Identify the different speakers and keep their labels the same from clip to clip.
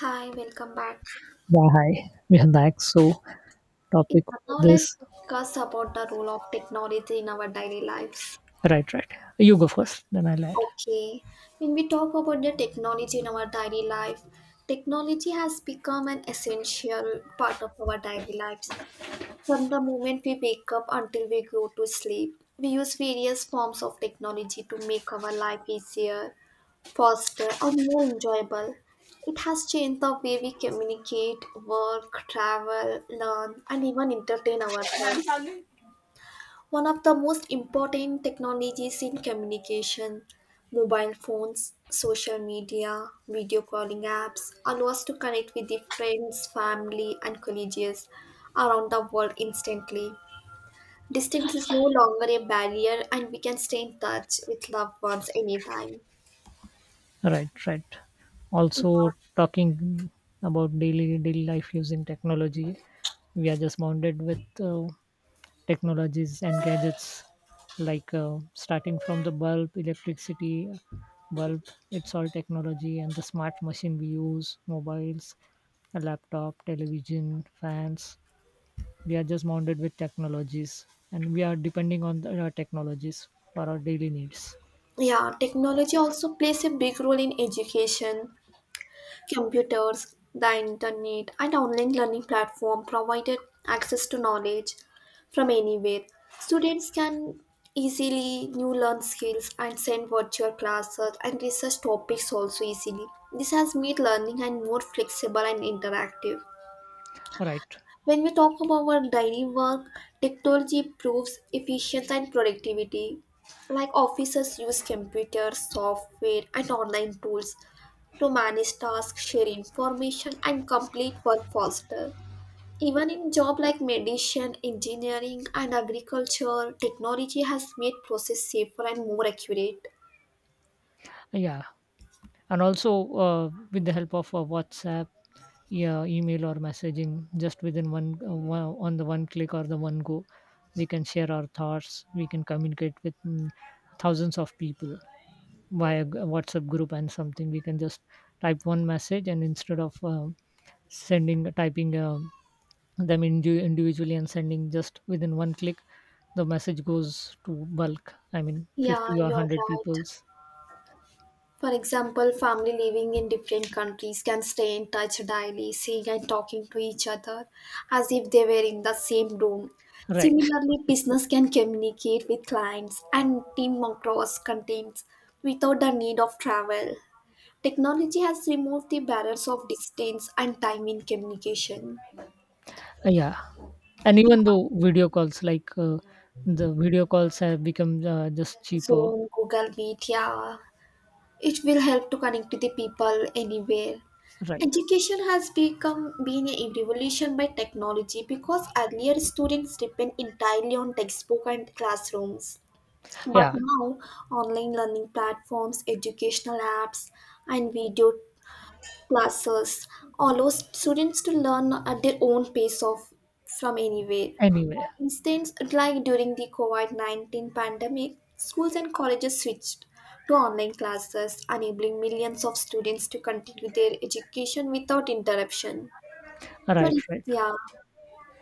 Speaker 1: Hi, welcome back.
Speaker 2: Yeah, hi. We are back. So,
Speaker 1: Yeah,
Speaker 2: topic for
Speaker 1: now let's
Speaker 2: this.
Speaker 1: discuss about the role of technology in our daily lives.
Speaker 2: Right, right. You go first, then I'll add.
Speaker 1: Okay, when we talk about the technology in our daily life, technology has become an essential part of our daily lives. From the moment we wake up until we go to sleep, we use various forms of technology to make our life easier, faster and more enjoyable. It has changed the way we communicate, work, travel, learn, and even entertain ourselves. One of the most important technologies in communication, mobile phones, social media, video calling apps allow us to connect with the friends, family, and colleagues around the world instantly. Distance is no longer a barrier, and we can stay in touch with loved ones anytime.
Speaker 2: Right, right.
Speaker 1: Yeah.
Speaker 2: Also, talking about daily life using technology, we are just bounded with uh, technologies and gadgets, like starting from the bulb, electricity, bulb. It's all technology and the smart machine we use, mobiles, a laptop, television, fans. We are just mounted with technologies, and we are depending on the technologies for our daily needs,
Speaker 1: Yeah, technology also plays a big role in education. Computers, the internet, and online learning platform provided access to knowledge from anywhere. Students can easily new learn skills and send virtual classes and research topics also easily. This has made learning and more flexible and interactive.
Speaker 2: right.
Speaker 1: When we talk about our daily work, technology improves efficiency and productivity. Like officers use computers, software, and online tools to manage tasks, share information, and complete work faster. Even in jobs like medicine, engineering, and agriculture, technology has made process safer and more accurate.
Speaker 2: Yeah, and also with the help of whatsapp, yeah, email or messaging just within one click or the one go, we can share our thoughts, we can communicate with thousands of people via whatsapp group, and something we can just type one message, and instead of sending, typing a them individually and sending just within one click, the message goes to bulk, I mean
Speaker 1: Yeah,
Speaker 2: 50 or
Speaker 1: you're
Speaker 2: 100
Speaker 1: right.
Speaker 2: people's.
Speaker 1: For example, family living in different countries can stay in touch daily, seeing and talking to each other as if they were in the same room.
Speaker 2: Right.
Speaker 1: Similarly, business can communicate with clients and team across continents without the need of travel. Technology has removed the barriers of distance and time in communication.
Speaker 2: Yeah, and
Speaker 1: In
Speaker 2: even though video calls like the video calls have become just cheaper.
Speaker 1: Zoom, Google Meet, yeah, it will help to connect to the people anywhere.
Speaker 2: Right.
Speaker 1: Education has become been a revolution by technology because earlier students depend entirely on textbook and classrooms. But
Speaker 2: Yeah.
Speaker 1: now online learning platforms, educational apps and video classes allows students to learn at their own pace of from anywhere.
Speaker 2: Anyway.
Speaker 1: For instance, like during the COVID-19 pandemic, schools and colleges switched to online classes, enabling millions of students to continue their education without interruption. So
Speaker 2: Right, right.
Speaker 1: yeah,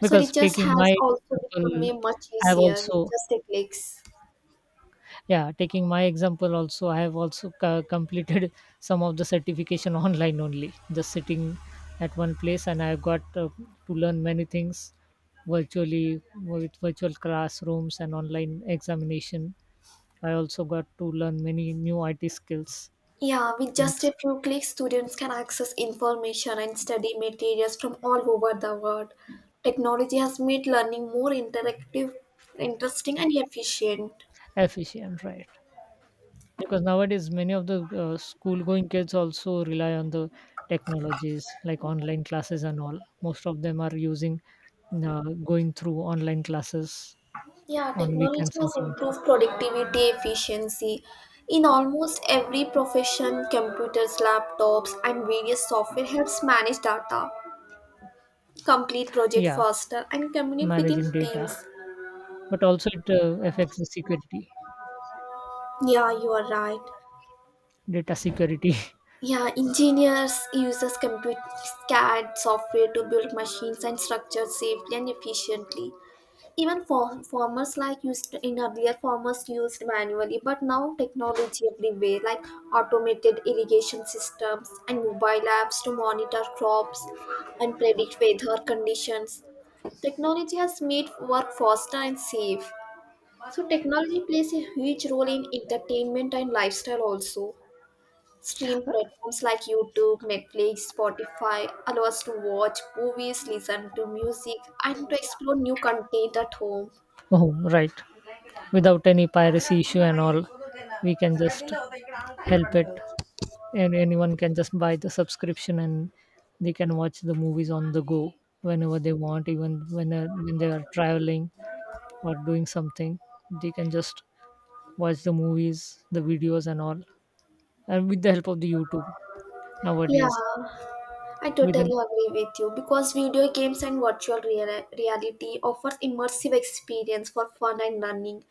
Speaker 1: so
Speaker 2: Because
Speaker 1: research
Speaker 2: taking
Speaker 1: has
Speaker 2: my
Speaker 1: also become
Speaker 2: example,
Speaker 1: a much
Speaker 2: I've
Speaker 1: easier with
Speaker 2: also,
Speaker 1: just a clicks.
Speaker 2: yeah, taking my example also, I have also completed some of the certification online only, just sitting at one place, and I got to learn many things virtually with virtual classrooms and online examination. I also got to learn many new IT skills
Speaker 1: Yeah, with
Speaker 2: in the
Speaker 1: just a
Speaker 2: same.
Speaker 1: few clicks, students can access information and study materials from all over the world. Technology has made learning more interactive, interesting, and efficient.
Speaker 2: Efficient, right? Because nowadays many of the school going kids also rely on the technologies like online classes and all. Most of them are using uh, going through online classes
Speaker 1: Yeah,
Speaker 2: on
Speaker 1: technology
Speaker 2: weekends
Speaker 1: has
Speaker 2: and something.
Speaker 1: improved productivity, efficiency. In almost every profession, computers, laptops, and various software helps manage data, complete project
Speaker 2: Yeah,
Speaker 1: faster, and communicate within
Speaker 2: managing
Speaker 1: teams.
Speaker 2: data, but also it affects the security,
Speaker 1: Yeah, you are right.
Speaker 2: data security.
Speaker 1: Yeah, engineers uses computer CAD software to build machines and structures safely and efficiently. Even for farmers like used in earlier farmers used manually, but now technology everywhere like automated irrigation systems and mobile apps to monitor crops and predict weather conditions. Technology has made work faster and safe. So technology plays a huge role in entertainment and lifestyle also. Stream platforms like YouTube, Netflix, Spotify allow us to watch movies, listen to music, and to explore new content at home.
Speaker 2: Oh right, without any piracy issue and all, we can just help it, and anyone can just buy the subscription, and they can watch the movies on the go whenever they want, even when they are traveling or doing something, they can just watch the movies, the videos and all, and with the help of the YouTube nowadays.
Speaker 1: Yeah, I totally
Speaker 2: Within.
Speaker 1: agree with you because video games and virtual reality offers immersive experience for fun and learning.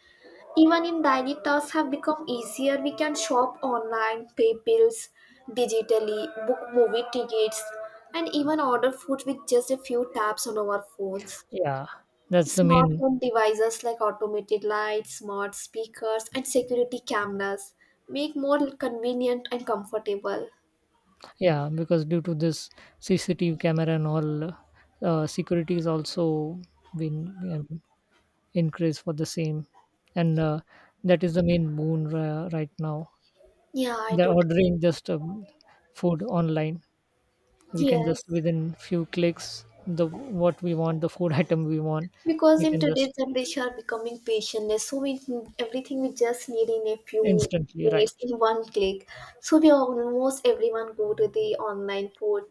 Speaker 1: Even in daily tasks have become easier. We can shop online, pay bills digitally, book movie tickets, and even order food with just a few taps on our phones.
Speaker 2: Yeah, that's the
Speaker 1: Smart
Speaker 2: main.
Speaker 1: home devices like automated lights, smart speakers, and security cameras make more convenient and comfortable.
Speaker 2: Yeah, because due to this CCTV camera and all, security is also been um, increased for the same, and that is the main boon right now.
Speaker 1: Yeah, I
Speaker 2: They're
Speaker 1: totally.
Speaker 2: ordering just food online, we can
Speaker 1: Yes,
Speaker 2: just within few clicks the what we want, the food item we want,
Speaker 1: because
Speaker 2: we
Speaker 1: in
Speaker 2: can just
Speaker 1: today's generation are becoming patientless, so we everything we just need in a few
Speaker 2: instantly, right?
Speaker 1: minutes in one click. So we almost everyone go to the online food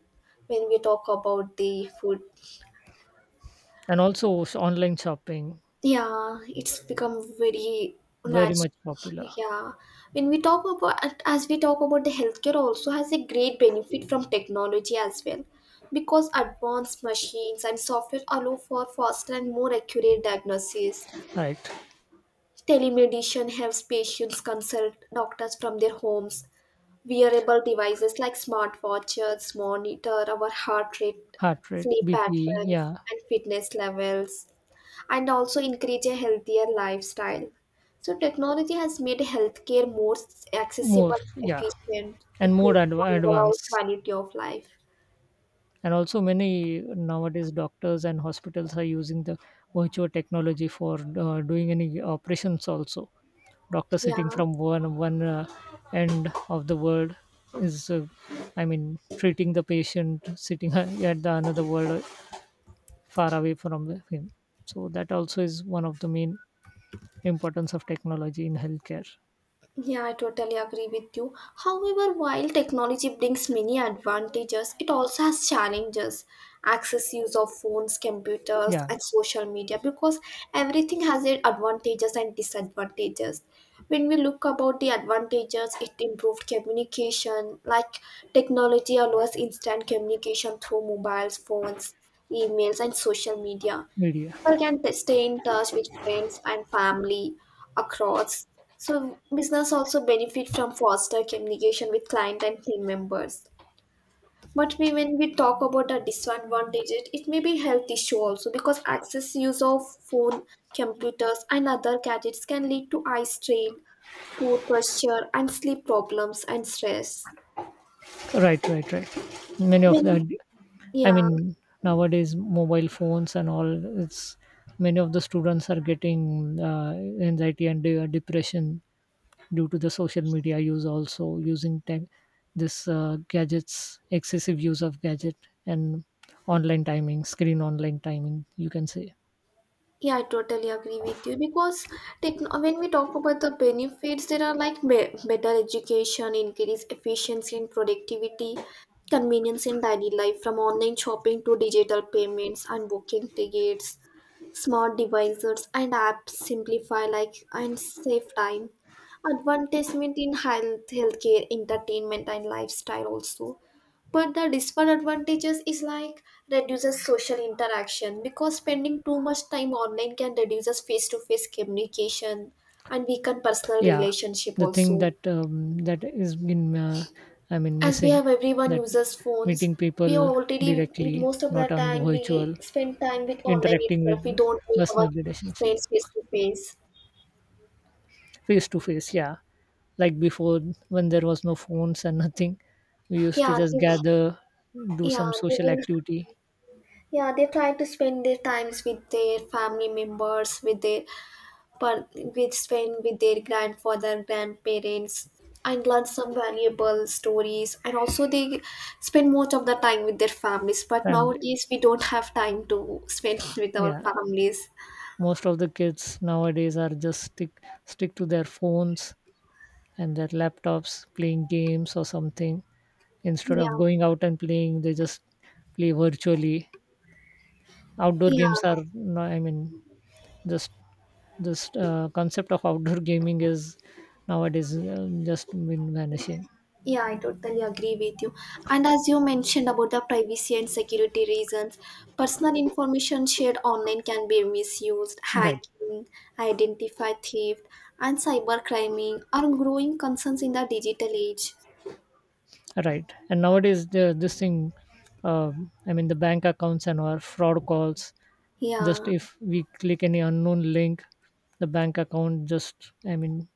Speaker 1: when we talk about the food.
Speaker 2: And also online shopping
Speaker 1: Yeah, it's become very
Speaker 2: very
Speaker 1: natural.
Speaker 2: much popular.
Speaker 1: Yeah, when we talk about as we talk about the healthcare also has a great benefit from technology as well, because advanced machines and software allow for faster and more accurate diagnosis.
Speaker 2: Right.
Speaker 1: Telemedicine helps patients consult doctors from their homes. Wearable devices like smartwatches monitor our heart rate,
Speaker 2: Heart rate,
Speaker 1: sleep
Speaker 2: BP.
Speaker 1: patterns,
Speaker 2: Yeah.
Speaker 1: and fitness levels and also encourage a healthier lifestyle. So, technology has made healthcare more
Speaker 2: More,
Speaker 1: accessible,
Speaker 2: yeah,
Speaker 1: efficient,
Speaker 2: and more
Speaker 1: improving overall
Speaker 2: advanced.
Speaker 1: quality of life.
Speaker 2: And also many nowadays doctors and hospitals are using the virtual technology for doing any operations also, doctor sitting
Speaker 1: Yeah.
Speaker 2: from one end of the world is I mean treating the patient sitting at the another world, far away from him. So that also is one of the main importance of technology in healthcare.
Speaker 1: Yeah, I totally agree with you. However, while technology brings many advantages, it also has challenges. Access use of phones, computers,
Speaker 2: Yeah.
Speaker 1: and social media because everything has its advantages and disadvantages. When we look about the advantages, it improved communication, like technology allows instant communication through mobiles, phones, emails, and social media
Speaker 2: Media.
Speaker 1: people can stay in touch with friends and family across. So business also benefit from foster communication with client and team members. But we, when we talk about the disadvantage, it may be health issue also because excess use of phone, computers, and other gadgets can lead to eye strain, poor posture, and sleep problems and stress.
Speaker 2: Right, right, right. Many of the,
Speaker 1: When
Speaker 2: I
Speaker 1: Yeah.
Speaker 2: mean nowadays mobile phones and all, it's many of the students are getting uh, anxiety and depression due to the social media use, also using tech, this gadgets, excessive use of gadget, and online timing, screen online timing you can say.
Speaker 1: Yeah, I totally agree with you because when we talk about the benefits, there are like better education, increased efficiency and productivity, convenience in daily life from online shopping to digital payments and booking tickets, smart devices and apps simplify like and save time. Advertisement in health, healthcare, entertainment and lifestyle also. But the disadvantages is like reduces social interaction because spending too much time online can reduces face-to-face communication and weaken personal
Speaker 2: Yeah,
Speaker 1: relationship
Speaker 2: the thing
Speaker 1: also.
Speaker 2: that that is been I mean
Speaker 1: As we
Speaker 2: missing,
Speaker 1: have everyone
Speaker 2: that
Speaker 1: uses phones,
Speaker 2: meeting people
Speaker 1: we are already with
Speaker 2: directly,
Speaker 1: most of the
Speaker 2: not on the
Speaker 1: time
Speaker 2: virtual,
Speaker 1: we spend time with online
Speaker 2: interacting with
Speaker 1: itself. We don't meet our
Speaker 2: personal relationship
Speaker 1: friends face to face.
Speaker 2: face to face. Yeah, like before, when there was no phones and nothing, we used to
Speaker 1: yeah
Speaker 2: just
Speaker 1: they,
Speaker 2: gather, do
Speaker 1: yeah
Speaker 2: some
Speaker 1: they
Speaker 2: social
Speaker 1: will
Speaker 2: activity.
Speaker 1: yeah, they try to spend their times with their family members with their per with spend with their grandfather grandparents and learn some valuable stories and also they spend most of the time with their families but
Speaker 2: Family.
Speaker 1: nowadays we don't have time to spend with our
Speaker 2: Yeah,
Speaker 1: families.
Speaker 2: most of the kids nowadays are just stick to their phones and their laptops, playing games or something. Instead of
Speaker 1: Yeah,
Speaker 2: going out and playing, they just play virtually. Outdoor
Speaker 1: yeah.
Speaker 2: games are no, I mean just, this concept of outdoor gaming is nowadays just been vanishing.
Speaker 1: Yeah, I totally agree with you. And as you mentioned about the privacy and security reasons, personal information shared online can be misused,
Speaker 2: Right,
Speaker 1: hacking, identify theft, and cybercrime are growing concerns in the digital age.
Speaker 2: right. And nowadays this thing, uh, I mean the bank accounts and our fraud calls, just
Speaker 1: Yeah.
Speaker 2: if we click any unknown link, the bank account just, I mean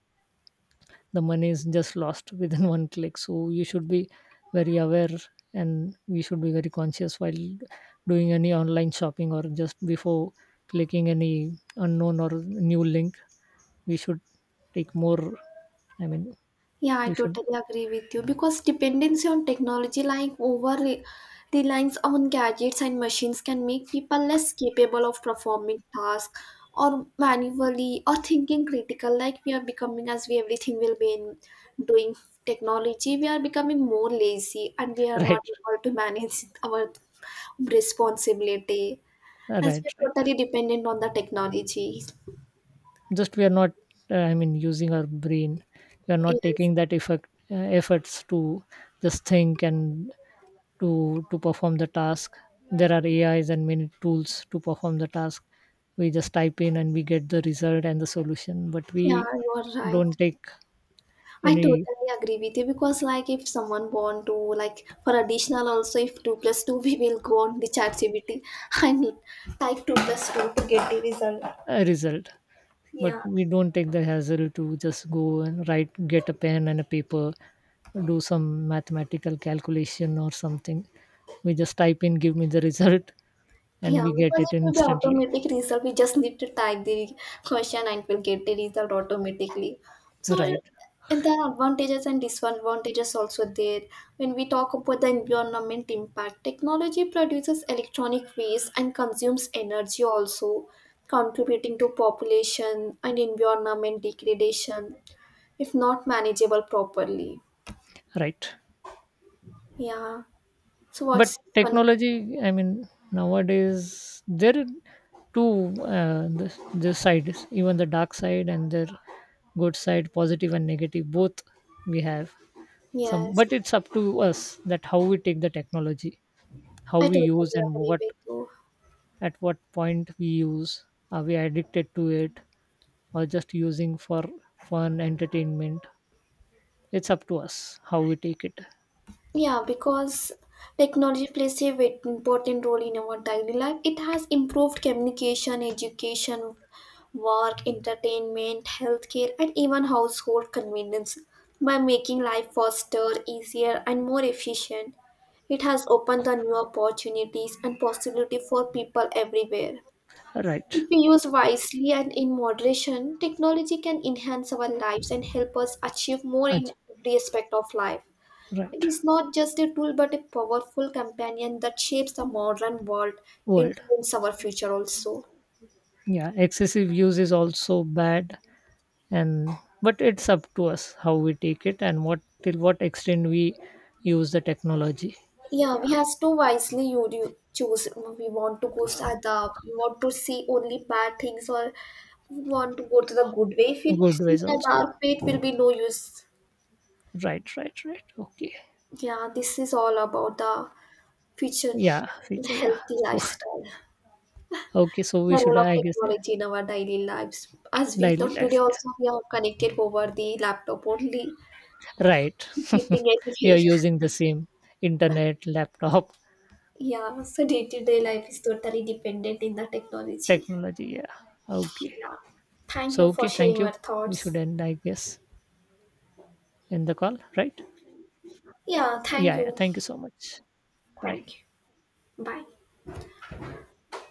Speaker 2: the money is just lost within one click. So you should be very aware, and we should be very conscious while doing any online shopping, or just before clicking any unknown or new link, we should take more, I mean,
Speaker 1: Yeah, I
Speaker 2: we should.
Speaker 1: totally agree with you because dependency on technology, like over reliance on gadgets and machines, can make people less capable of performing tasks or manually or thinking critical. Like we are becoming, as we everything will be in doing technology, we are becoming more lazy and we are not
Speaker 2: Right,
Speaker 1: able to manage our responsibility as we
Speaker 2: right,
Speaker 1: are
Speaker 2: right.
Speaker 1: totally dependent on the technology.
Speaker 2: Just we are not I mean using our brain, we are not
Speaker 1: Yes,
Speaker 2: taking that effect, efforts to just think and to perform the task. There are AIs and many tools to perform the task, we just type in and we get the result and the solution, but
Speaker 1: yeah,
Speaker 2: we
Speaker 1: you are right.
Speaker 2: don't take
Speaker 1: I
Speaker 2: any
Speaker 1: totally agree with you because like if someone want to like for additional also if two plus two we will go on the chat CBT and type two plus two to get the result.
Speaker 2: result. But
Speaker 1: Yeah.
Speaker 2: we don't take the hassle to just go and write, get a pen and a paper, do some mathematical calculation or something, we just type in, give me the result, and
Speaker 1: Yeah,
Speaker 2: we get
Speaker 1: because
Speaker 2: it
Speaker 1: it will be
Speaker 2: instantly.
Speaker 1: automatic result. We just need to type the question and we'll get the result automatically. So uh,
Speaker 2: Right,
Speaker 1: and there are advantages and disadvantages also there. When we talk about the environment impact, technology produces electronic waste and consumes energy also, contributing to population and environment degradation if not manageable properly.
Speaker 2: right.
Speaker 1: Yeah. So
Speaker 2: But
Speaker 1: what's your conclusion?
Speaker 2: technology, I mean, nowadays there are two, the sides, even the dark side and their good side, positive and negative. Both we have some, but
Speaker 1: Yes,
Speaker 2: it's up to us that how we take the technology, how
Speaker 1: I
Speaker 2: we
Speaker 1: totally
Speaker 2: use, and
Speaker 1: agree
Speaker 2: what
Speaker 1: with you.
Speaker 2: at what point we use. Are we addicted to it, or just using for fun entertainment? It's up to us how we take it.
Speaker 1: Yeah, because technology plays a very important role in our daily life. It has improved communication, education, work, entertainment, healthcare, and even household convenience by making life faster, easier, and more efficient. It has opened the new opportunities and possibility for people everywhere.
Speaker 2: Right.
Speaker 1: If we use wisely and in moderation, technology can enhance our lives and help us achieve more in
Speaker 2: Ach-.
Speaker 1: every aspect of life. It
Speaker 2: Right.
Speaker 1: is not just a tool but a powerful companion that shapes the modern world and
Speaker 2: World.
Speaker 1: influences our future also.
Speaker 2: Yeah, excessive use is also bad, and but it's up to us how we take it, and what till what extent we use the technology.
Speaker 1: Yeah,
Speaker 2: Yeah.
Speaker 1: we have to wisely you do choose. We want to go
Speaker 2: Uh,
Speaker 1: at the we want to see only bad things or we want to go to the good way. If we
Speaker 2: good
Speaker 1: see
Speaker 2: ways
Speaker 1: the
Speaker 2: also.
Speaker 1: dark way, it will be no use.
Speaker 2: Right, right, right, okay.
Speaker 1: Yeah, this is all about the future
Speaker 2: Yeah,
Speaker 1: the
Speaker 2: feature, yeah.
Speaker 1: healthy
Speaker 2: So,
Speaker 1: lifestyle.
Speaker 2: okay, so
Speaker 1: The
Speaker 2: we should
Speaker 1: role of
Speaker 2: I guess, yeah.
Speaker 1: technology in our daily lives. As we
Speaker 2: Daily
Speaker 1: thought today
Speaker 2: life, yeah.
Speaker 1: also we are connected over the laptop only.
Speaker 2: Right.
Speaker 1: Getting
Speaker 2: We are
Speaker 1: education.
Speaker 2: using the same internet, laptop.
Speaker 1: Yeah, so day to day life is totally dependent in the technology.
Speaker 2: Technology, yeah. Okay.
Speaker 1: Yeah. Thank
Speaker 2: So
Speaker 1: you for
Speaker 2: okay,
Speaker 1: sharing
Speaker 2: thank you,
Speaker 1: your
Speaker 2: we should
Speaker 1: thoughts.
Speaker 2: end I guess, in the call, right?
Speaker 1: Yeah, thank
Speaker 2: Yeah, yeah.
Speaker 1: you.
Speaker 2: Thank you so much. Bye.
Speaker 1: Thank you. Bye.